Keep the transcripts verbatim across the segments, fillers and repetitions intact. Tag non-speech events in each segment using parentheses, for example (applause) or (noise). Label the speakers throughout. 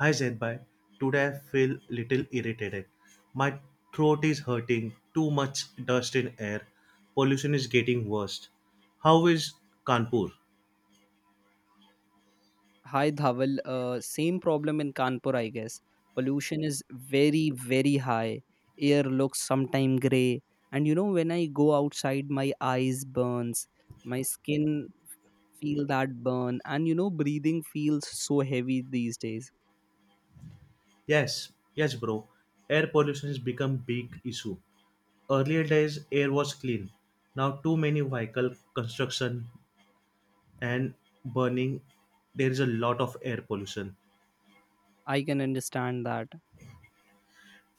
Speaker 1: Hi Zenbai, today I feel little irritated. My throat is hurting, too much dust in air, pollution is getting worse. How is Kanpur?
Speaker 2: Hi Dhaval. Uh, same problem in Kanpur, I guess. Pollution is very, very high. Air looks sometime gray, and you know when I go outside, my eyes burns, my skin f- feel that burn, and you know breathing feels so heavy these days.
Speaker 1: Yes, yes bro. Air pollution has become big issue. Earlier days air was clean. Now too many vehicle construction and burning. There is a lot of air pollution.
Speaker 2: I can understand that.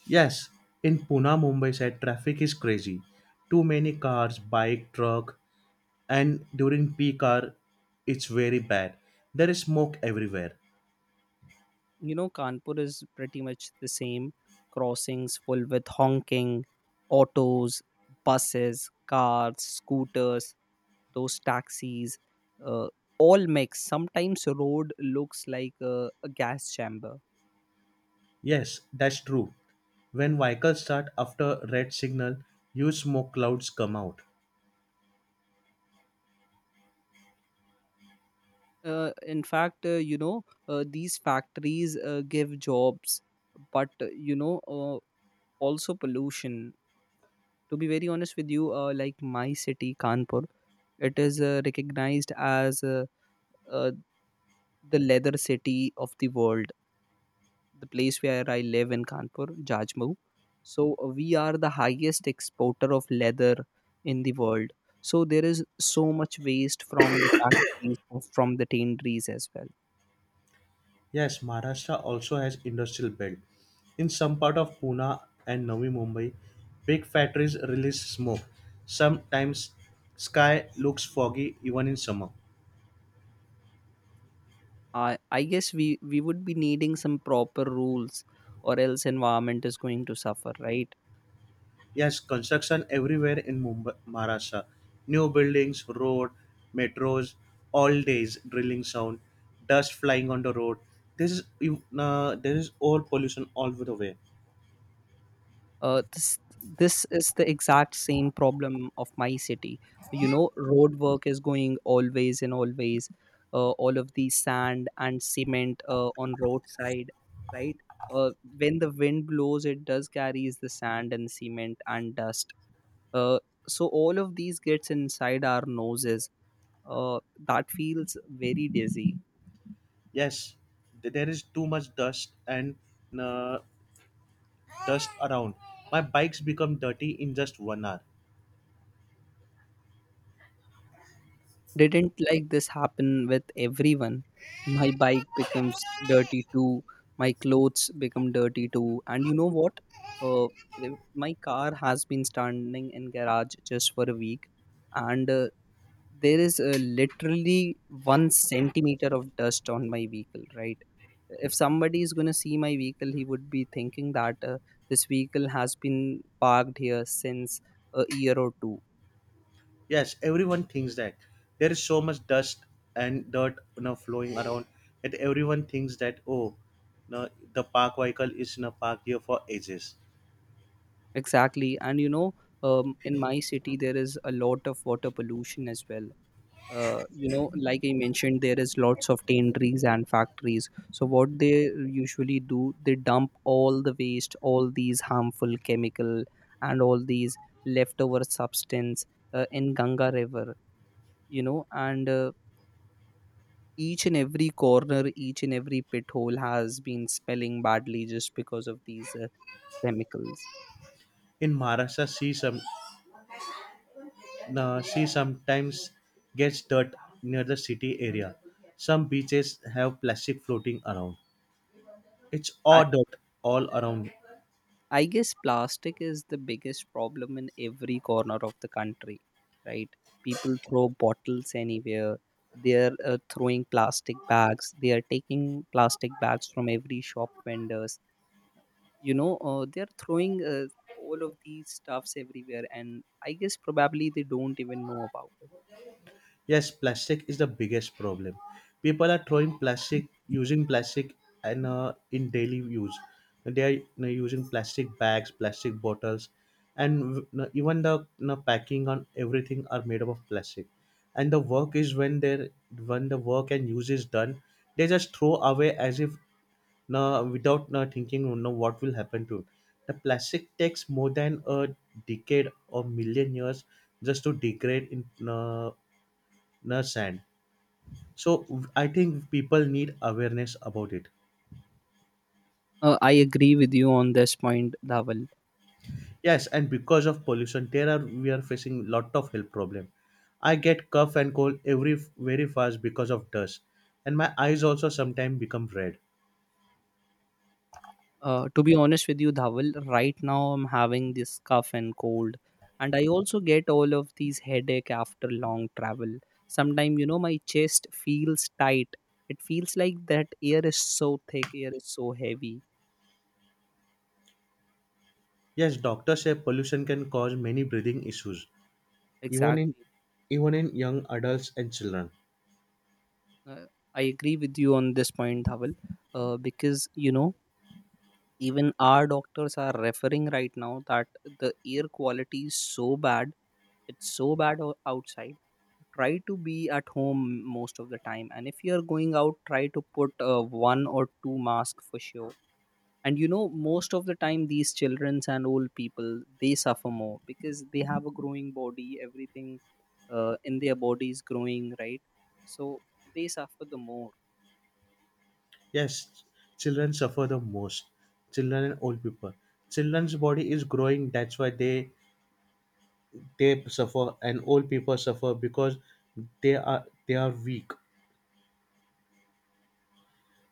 Speaker 1: Yes, in Pune Mumbai side traffic is crazy. Too many cars, bike, truck and during peak hour it's very bad. There is smoke everywhere.
Speaker 2: You know Kanpur is pretty much the same. Crossings full with honking, autos, buses, cars, scooters, those taxis uh, all mix. Sometimes road looks like uh, a gas chamber.
Speaker 1: Yes, that's true. When vehicles start after red signal, huge smoke clouds come out.
Speaker 2: Uh, in fact, uh, you know uh, these factories uh, give jobs, but uh, you know uh, also pollution. To be very honest with you, uh, like my city Kanpur, it is uh, recognized as uh, uh, the leather city of the world. The place where I live in Kanpur, Jajmu. So uh, we are the highest exporter of leather in the world. So there is so much waste from the factories, or from the tanneries as well.
Speaker 1: Yes, Maharashtra also has industrial belt in some part of Pune and Navi Mumbai. Big factories release smoke, sometimes sky looks foggy even in summer.
Speaker 2: I I guess we we would be needing some proper rules, or else environment is going to suffer, right?
Speaker 1: Yes, construction everywhere in Mumbai, Maharashtra. New buildings, road, metros, all days drilling sound, dust flying on the road. This is you- uh, there is all pollution all over the way.
Speaker 2: uh, this this is the exact same problem of my city. You know, road work is going always and always. Uh, all of the sand and cement uh, on roadside, right? uh, when the wind blows, it does carries the sand and cement and dust, uh, so all of these gets inside our noses, uh, that feels very dizzy.
Speaker 1: Yes, th- there is too much dust and uh, dust around. My bikes become dirty in just one hour.
Speaker 2: Didn't like this happen with everyone? My bike becomes dirty too. My clothes become dirty too. And you know what? Uh, if- my car has been standing in garage just for a week, and uh, there is uh, literally one centimeter of dust on my vehicle. Right? If somebody is going to see my vehicle, he would be thinking that uh, this vehicle has been parked here since a year or two.
Speaker 1: Yes, everyone thinks that there is so much dust and dirt, you know, flowing around, that everyone thinks that, oh no, the park vehicle is in a park here for ages.
Speaker 2: Exactly. And you know, um, in my city, there is a lot of water pollution as well. Uh, you know, like I mentioned, there is lots of tanneries and factories. So what they usually do, they dump all the waste, all these harmful chemical and all these leftover substance uh, in Ganga River, you know, and uh, each and every corner, each and every pit hole has been spelling badly just because of these uh, chemicals.
Speaker 1: In Maharashtra, sea some no, sea sometimes gets dirt near the city area. Some beaches have plastic floating around. It's all
Speaker 2: I,
Speaker 1: dirt all around.
Speaker 2: I guess plastic is the biggest problem in every corner of the country, right? People throw bottles anywhere. They're uh, throwing plastic bags. They are taking plastic bags from every shop vendors. You know, uh, they're throwing uh, all of these stuffs everywhere, and I guess probably they don't even know about it.
Speaker 1: Yes, plastic is the biggest problem. People are throwing plastic, using plastic, and uh, in daily use, they are, you know, using plastic bags, plastic bottles, and you know, even the, you know, packing on everything are made up of plastic. And the work is when they when the work and use is done, they just throw away as if no, without, you know, thinking, you know, what will happen to it. The plastic takes more than a decade or million years just to degrade in, uh, you know, sand. So I think people need awareness about it.
Speaker 2: Uh, I agree with you on this point, Dhaval.
Speaker 1: Yes, and because of pollution there are we are facing lot of health problem. I get cough and cold every very fast because of dust, and my eyes also sometimes become red.
Speaker 2: Uh, to be honest with you, Dhawal, right now I'm having this cough and cold, and I also get all of these headache after long travel. Sometimes, you know, my chest feels tight. It feels like that air is so thick, air is so heavy.
Speaker 1: Yes, doctors say pollution can cause many breathing issues, even in
Speaker 2: Exactly.
Speaker 1: even in young adults and children.
Speaker 2: Uh, I agree with you on this point, Dhawal, uh, because, you know, even our doctors are referring right now that the air quality is so bad, it's so bad o- outside. Try to be at home most of the time, and if you're going out, try to put uh, one or two masks for sure. And you know most of the time these childrens and old people, they suffer more because they have a growing body. Everything uh, in their body is growing, right? So they suffer the more.
Speaker 1: Yes, children suffer the most. Children and old people, children's body is growing, that's why they they suffer, and old people suffer because they are they are weak.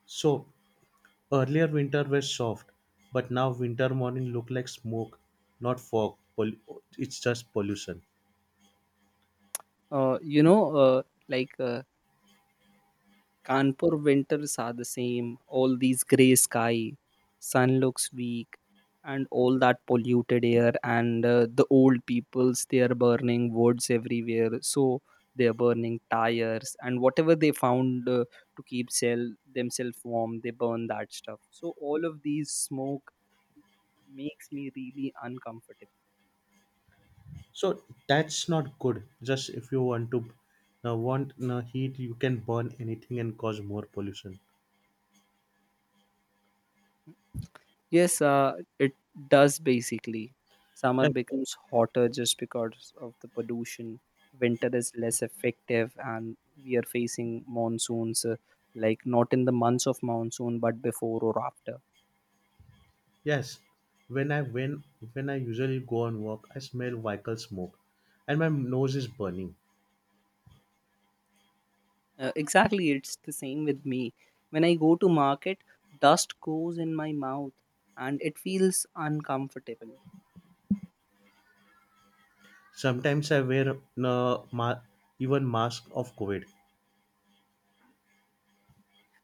Speaker 1: So earlier winter were soft, but now winter morning look like smoke, not fog. Pol- it's just pollution.
Speaker 2: uh, you know uh, like uh, Kanpur winters are the same, all these grey sky, sun looks weak, and all that polluted air. And uh, the old peoples, they are burning woods everywhere, so they are burning tires and whatever they found uh, to keep sell themselves warm, they burn that stuff. So all of these smoke makes me really uncomfortable.
Speaker 1: So that's not good. Just if you want to uh, want uh, heat, you can burn anything and cause more pollution.
Speaker 2: Yes, uh, it does basically. Summer
Speaker 1: Like,
Speaker 2: becomes hotter just because of the pollution. Winter is less effective, and we are facing monsoons, uh, like not in the months of monsoon, but before or after.
Speaker 1: yes, when i when when i usually go on walk, I smell vehicle smoke and my nose is burning.
Speaker 2: Uh, exactly, it's the same with me. When I go to market, dust goes in my mouth, and it feels uncomfortable.
Speaker 1: Sometimes I wear uh, ma- even mask of COVID.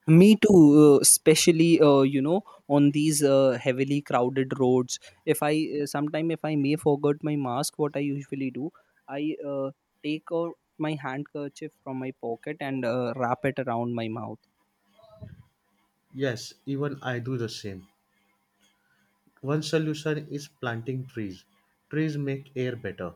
Speaker 2: Me too, uh, especially uh, you know on these uh, heavily crowded roads. If I uh, Sometime, if I may forget my mask, what I usually do, I uh, take out my handkerchief from my pocket and uh, wrap it around my mouth.
Speaker 1: Yes, even I do the same. One solution is planting trees. Trees make air better.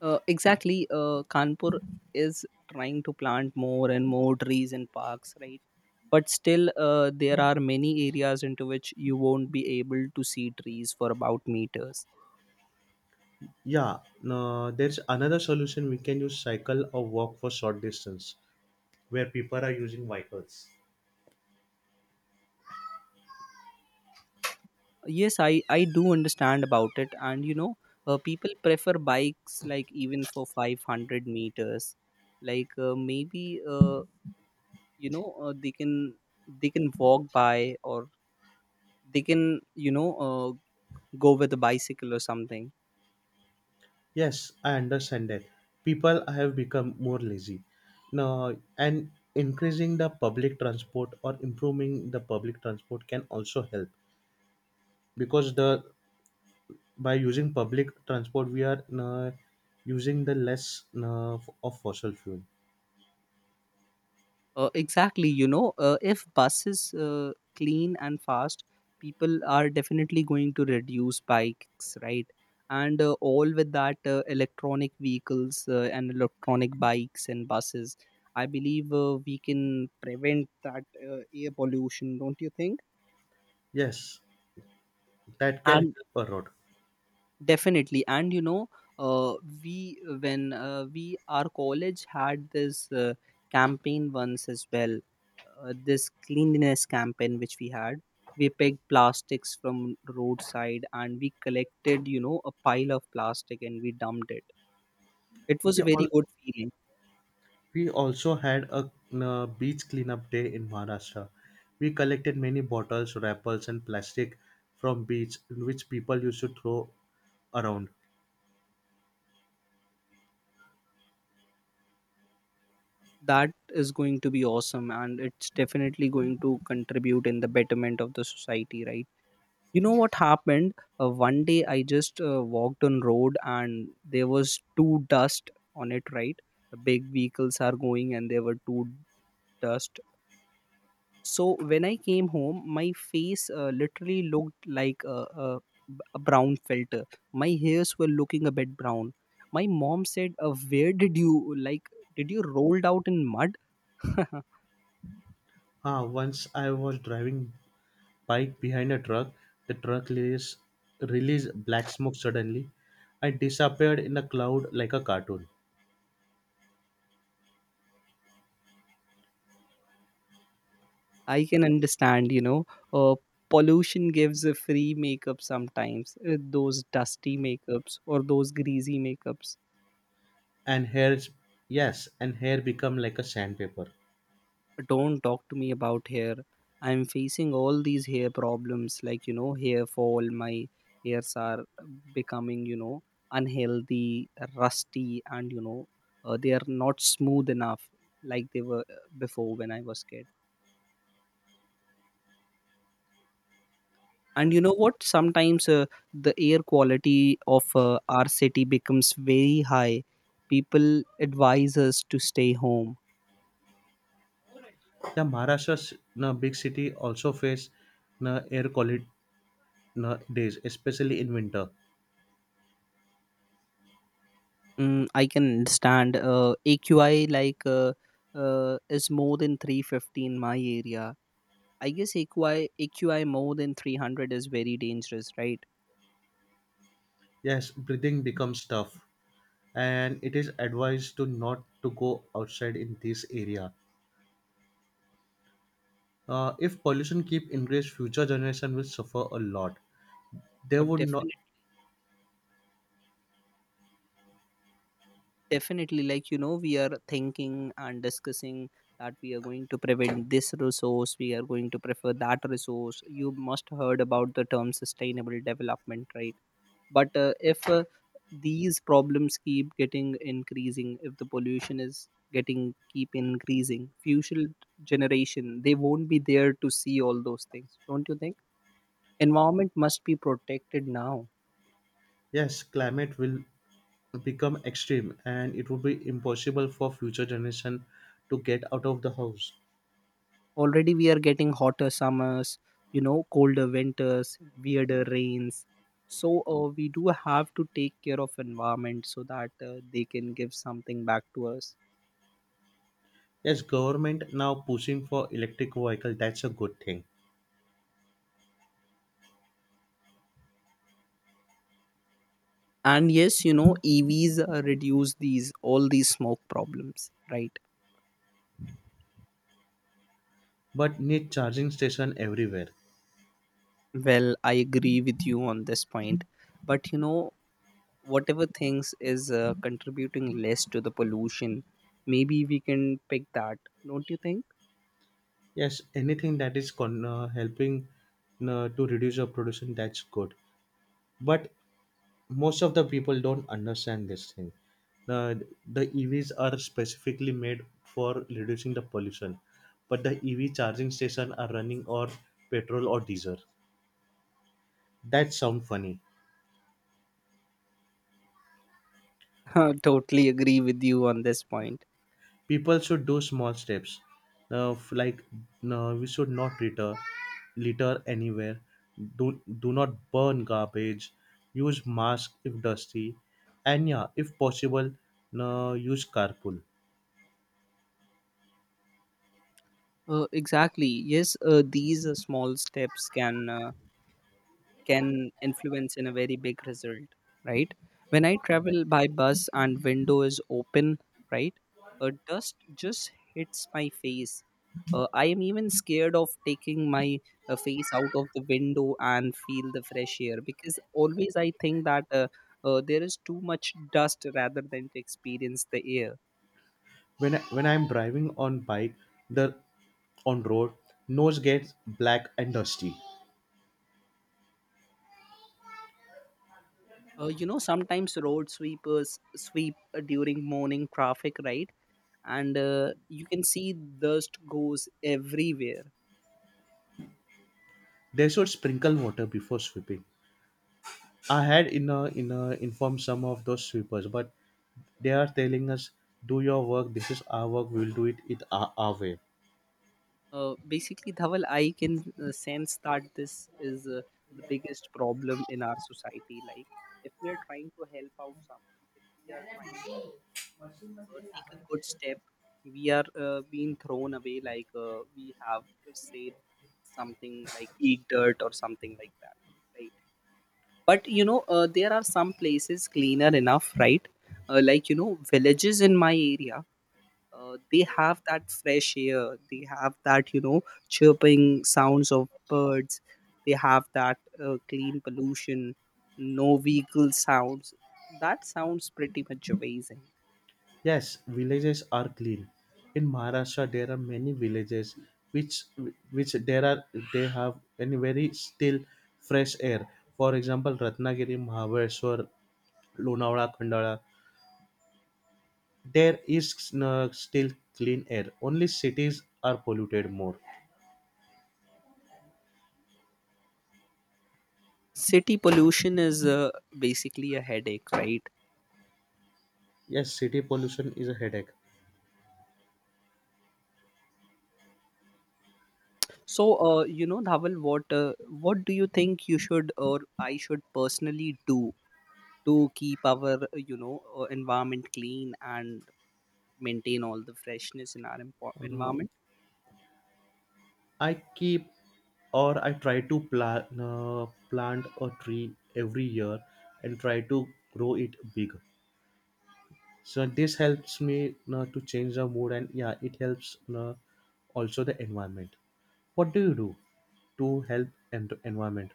Speaker 2: Uh, exactly. uh, Kanpur is trying to plant more and more trees and parks, right? But still, uh, there are many areas into which you won't be able to see trees for about meters.
Speaker 1: Yeah, no, there's another solution, we can use cycle or walk for short distance where people are using vehicles.
Speaker 2: Yes, i i do understand about it. And you know uh, people prefer bikes like even for five hundred meters. Like uh, maybe uh, you know uh, they can they can walk by, or they can you know uh, go with a bicycle or something.
Speaker 1: Yes, I understand that. People have become more lazy. No, and increasing the public transport or improving the public transport can also help, because the by using public transport we are uh, using the less uh, of fossil fuel.
Speaker 2: Uh, exactly. You know, uh, if buses uh, clean and fast, people are definitely going to reduce bikes, right? And uh, all with that, uh, electronic vehicles uh, and electronic bikes and buses. I believe uh, we can prevent that uh, air pollution, don't you think?
Speaker 1: Yes, that can
Speaker 2: And
Speaker 1: help a lot.
Speaker 2: definitely. And you know uh, we when uh, we our college had this uh, campaign once as well, uh, this cleanliness campaign which we had. We picked plastics from roadside, and we collected you know a pile of plastic, and we dumped it. It was
Speaker 1: we
Speaker 2: a very
Speaker 1: all
Speaker 2: good feeling.
Speaker 1: we also had a uh, beach cleanup day in Maharashtra. We collected many bottles, wrappers and plastic from beach which people used to throw around.
Speaker 2: That is going to be awesome, and it's definitely going to contribute in the betterment of the society, right? You know what happened, uh, one day I just uh, walked on road and there was two dust on it, right? The big vehicles are going and there were two dust, so when I came home, my face uh, literally looked like a, a, a brown filter. My hairs were looking a bit brown. My mom said, uh, where did you like, did you rolled out in mud? (laughs)
Speaker 1: Ah, once I was driving bike behind a truck, the truck released, released black smoke suddenly. I disappeared in a cloud like a cartoon.
Speaker 2: I can understand. you know, uh, Pollution gives a free makeup sometimes. uh, Those dusty makeups or those greasy makeups.
Speaker 1: And hairs, yes, and hair become like a sandpaper.
Speaker 2: Don't talk to me about hair. I'm facing all these hair problems, like, you know, hair fall. My hairs are becoming, you know, unhealthy, rusty, and, you know, uh, they are not smooth enough like they were uh, before when I was kid. And you know what, sometimes uh, the air quality of uh, our city becomes very high. People advise us to stay home.
Speaker 1: The Maharashtra's na, big city also face na, air quality na, days, especially in winter.
Speaker 2: mm, I can understand. uh, A Q I, like, uh, uh, is more than three fifty in my area. I guess aqi aqi more than three hundred is very dangerous, right?
Speaker 1: Yes, breathing becomes tough, and it is advised to not to go outside in this area. Uh, if pollution keep increase, future generation will suffer a lot. They
Speaker 2: Uh,
Speaker 1: would not.
Speaker 2: definitely. Definitely, like you know, we are thinking and discussing that we are going to prevent this resource, we are going to prefer that resource. You must heard about the term sustainable development, right? But uh, if uh, these problems keep getting increasing, if the pollution is getting keep increasing, future generation they won't be there to see all those things, don't you think? Environment must be protected now.
Speaker 1: Yes, climate will become extreme, and it would be impossible for future generation to get out of the house.
Speaker 2: Already we are getting hotter summers, you know, colder winters, weirder rains. So uh, we do have to take care of environment so that uh, they can give something back to us.
Speaker 1: Yes, government now pushing for electric vehicle. That's a good thing,
Speaker 2: And yes, you know, E Vs uh, reduce these all these smoke problems, right?
Speaker 1: but need charging station everywhere.
Speaker 2: Well, I agree with you on this point, but you know, whatever things is uh, contributing less to the pollution, maybe we can pick that, don't you think?
Speaker 1: Yes, anything that is con- uh, helping uh, to reduce your pollution, that's good, but most of the people don't understand this thing. Uh, the E Vs are specifically made for reducing the pollution, but the E V charging station are running or petrol or diesel. That sound funny.
Speaker 2: (laughs) Totally agree with you on this point.
Speaker 1: People should do small steps. Now, f- like no, we should not litter litter anywhere. Do do not burn garbage, use mask if dusty, and yeah, if possible, no, use carpool.
Speaker 2: Uh, exactly. Yes, uh, these uh, small steps can uh, can influence in a very big result, right? When I travel by bus and window is open, right? Uh, dust just hits my face. Uh, I am even scared of taking my uh, face out of the window and feel the fresh air, because always I think that uh, uh, there is too much dust rather than to experience the air.
Speaker 1: When I, when I'm driving on bike, the on road, nose gets black and dusty.
Speaker 2: Uh, you know, sometimes road sweepers sweep uh, during morning traffic, right? And uh, you can see dust goes everywhere.
Speaker 1: They should sprinkle water before sweeping. I had in a, in a informed some of those sweepers, but they are telling us, do your work, this is our work, we'll do it, it our, our way.
Speaker 2: Uh, basically, Dhaval, I can uh, sense that this is uh, the biggest problem in our society. Like, if we are trying to help out someone, if we are trying to uh, take a good step, we are uh, being thrown away. Like, uh, we have to say something like eat dirt or something like that. Right? But you know uh, there are some places cleaner enough, right? Uh, like, you know villages in my area, uh, they have that fresh air, they have that you know chirping sounds of birds, they have that uh, clean pollution, no vehicle sounds. That sounds pretty much amazing.
Speaker 1: Yes, villages are clean. In Maharashtra, there are many villages which which there are they have any very still fresh air. For example, Ratnagiri, Mahabeshwar, Lonavala, Khandala, there is uh, still clean air. Only cities are polluted more.
Speaker 2: City pollution is uh, basically a headache, right?
Speaker 1: Yes, city pollution is a headache.
Speaker 2: So uh, you know Dhaval, what uh, what do you think you should or I should personally do to keep our uh, you know uh, environment clean and maintain all the freshness in our empo-
Speaker 1: Uh,
Speaker 2: environment?
Speaker 1: I keep or I try to plant uh, plant a tree every year and try to grow it big. So this helps me uh, to change the mood, and yeah, it helps uh, also the environment. What do you do to help and environment?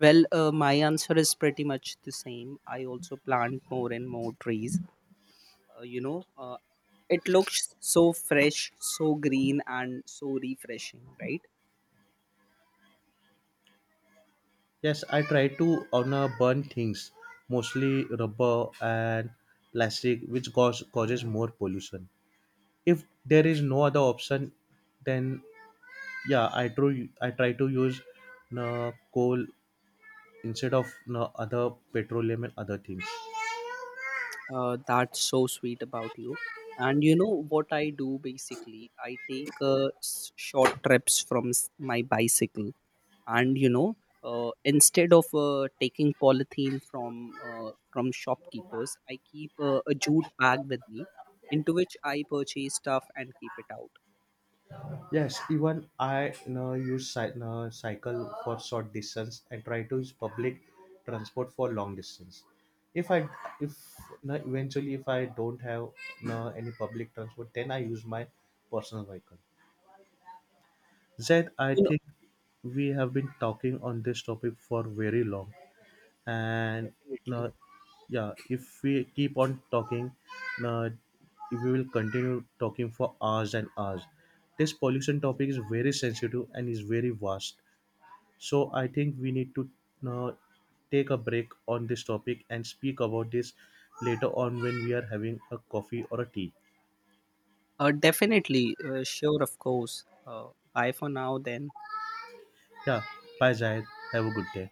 Speaker 2: Well, uh, my answer is pretty much the same. I also plant more and more trees. uh, you know uh, it looks so fresh, so green, and so refreshing, right?
Speaker 1: Yes, I try to, uh, no, burn things, mostly rubber and plastic, which cause, causes more pollution. If there is no other option, then yeah, i try I try to use no coal instead of no other petroleum and other things.
Speaker 2: Uh, that's so sweet about you. And you know what I do basically, I take uh, s- short trips from s- my bicycle. And you know uh, instead of uh, taking polythene from uh, from shopkeepers, I keep uh, a jute bag with me, into which I purchase stuff and keep it out
Speaker 1: Yes, even I no use cy- no, cycle for short distance and try to use public transport for long distance. If I if No, eventually if I don't have no, any public transport, then I use my personal vehicle. Zed, I
Speaker 2: you know
Speaker 1: think we have been talking on this topic for very long, and no,
Speaker 2: Definitely,
Speaker 1: yeah, if we keep on talking, no, if we will continue talking for hours and hours. This pollution topic is very sensitive and is very vast. So I think we need to, no, take a break on this topic and speak about this later on when we are having a coffee or a tea.
Speaker 2: uh, definitely, uh, sure, of course. Uh, bye for now then.
Speaker 1: Yeah, bye Zahid. Have a good day.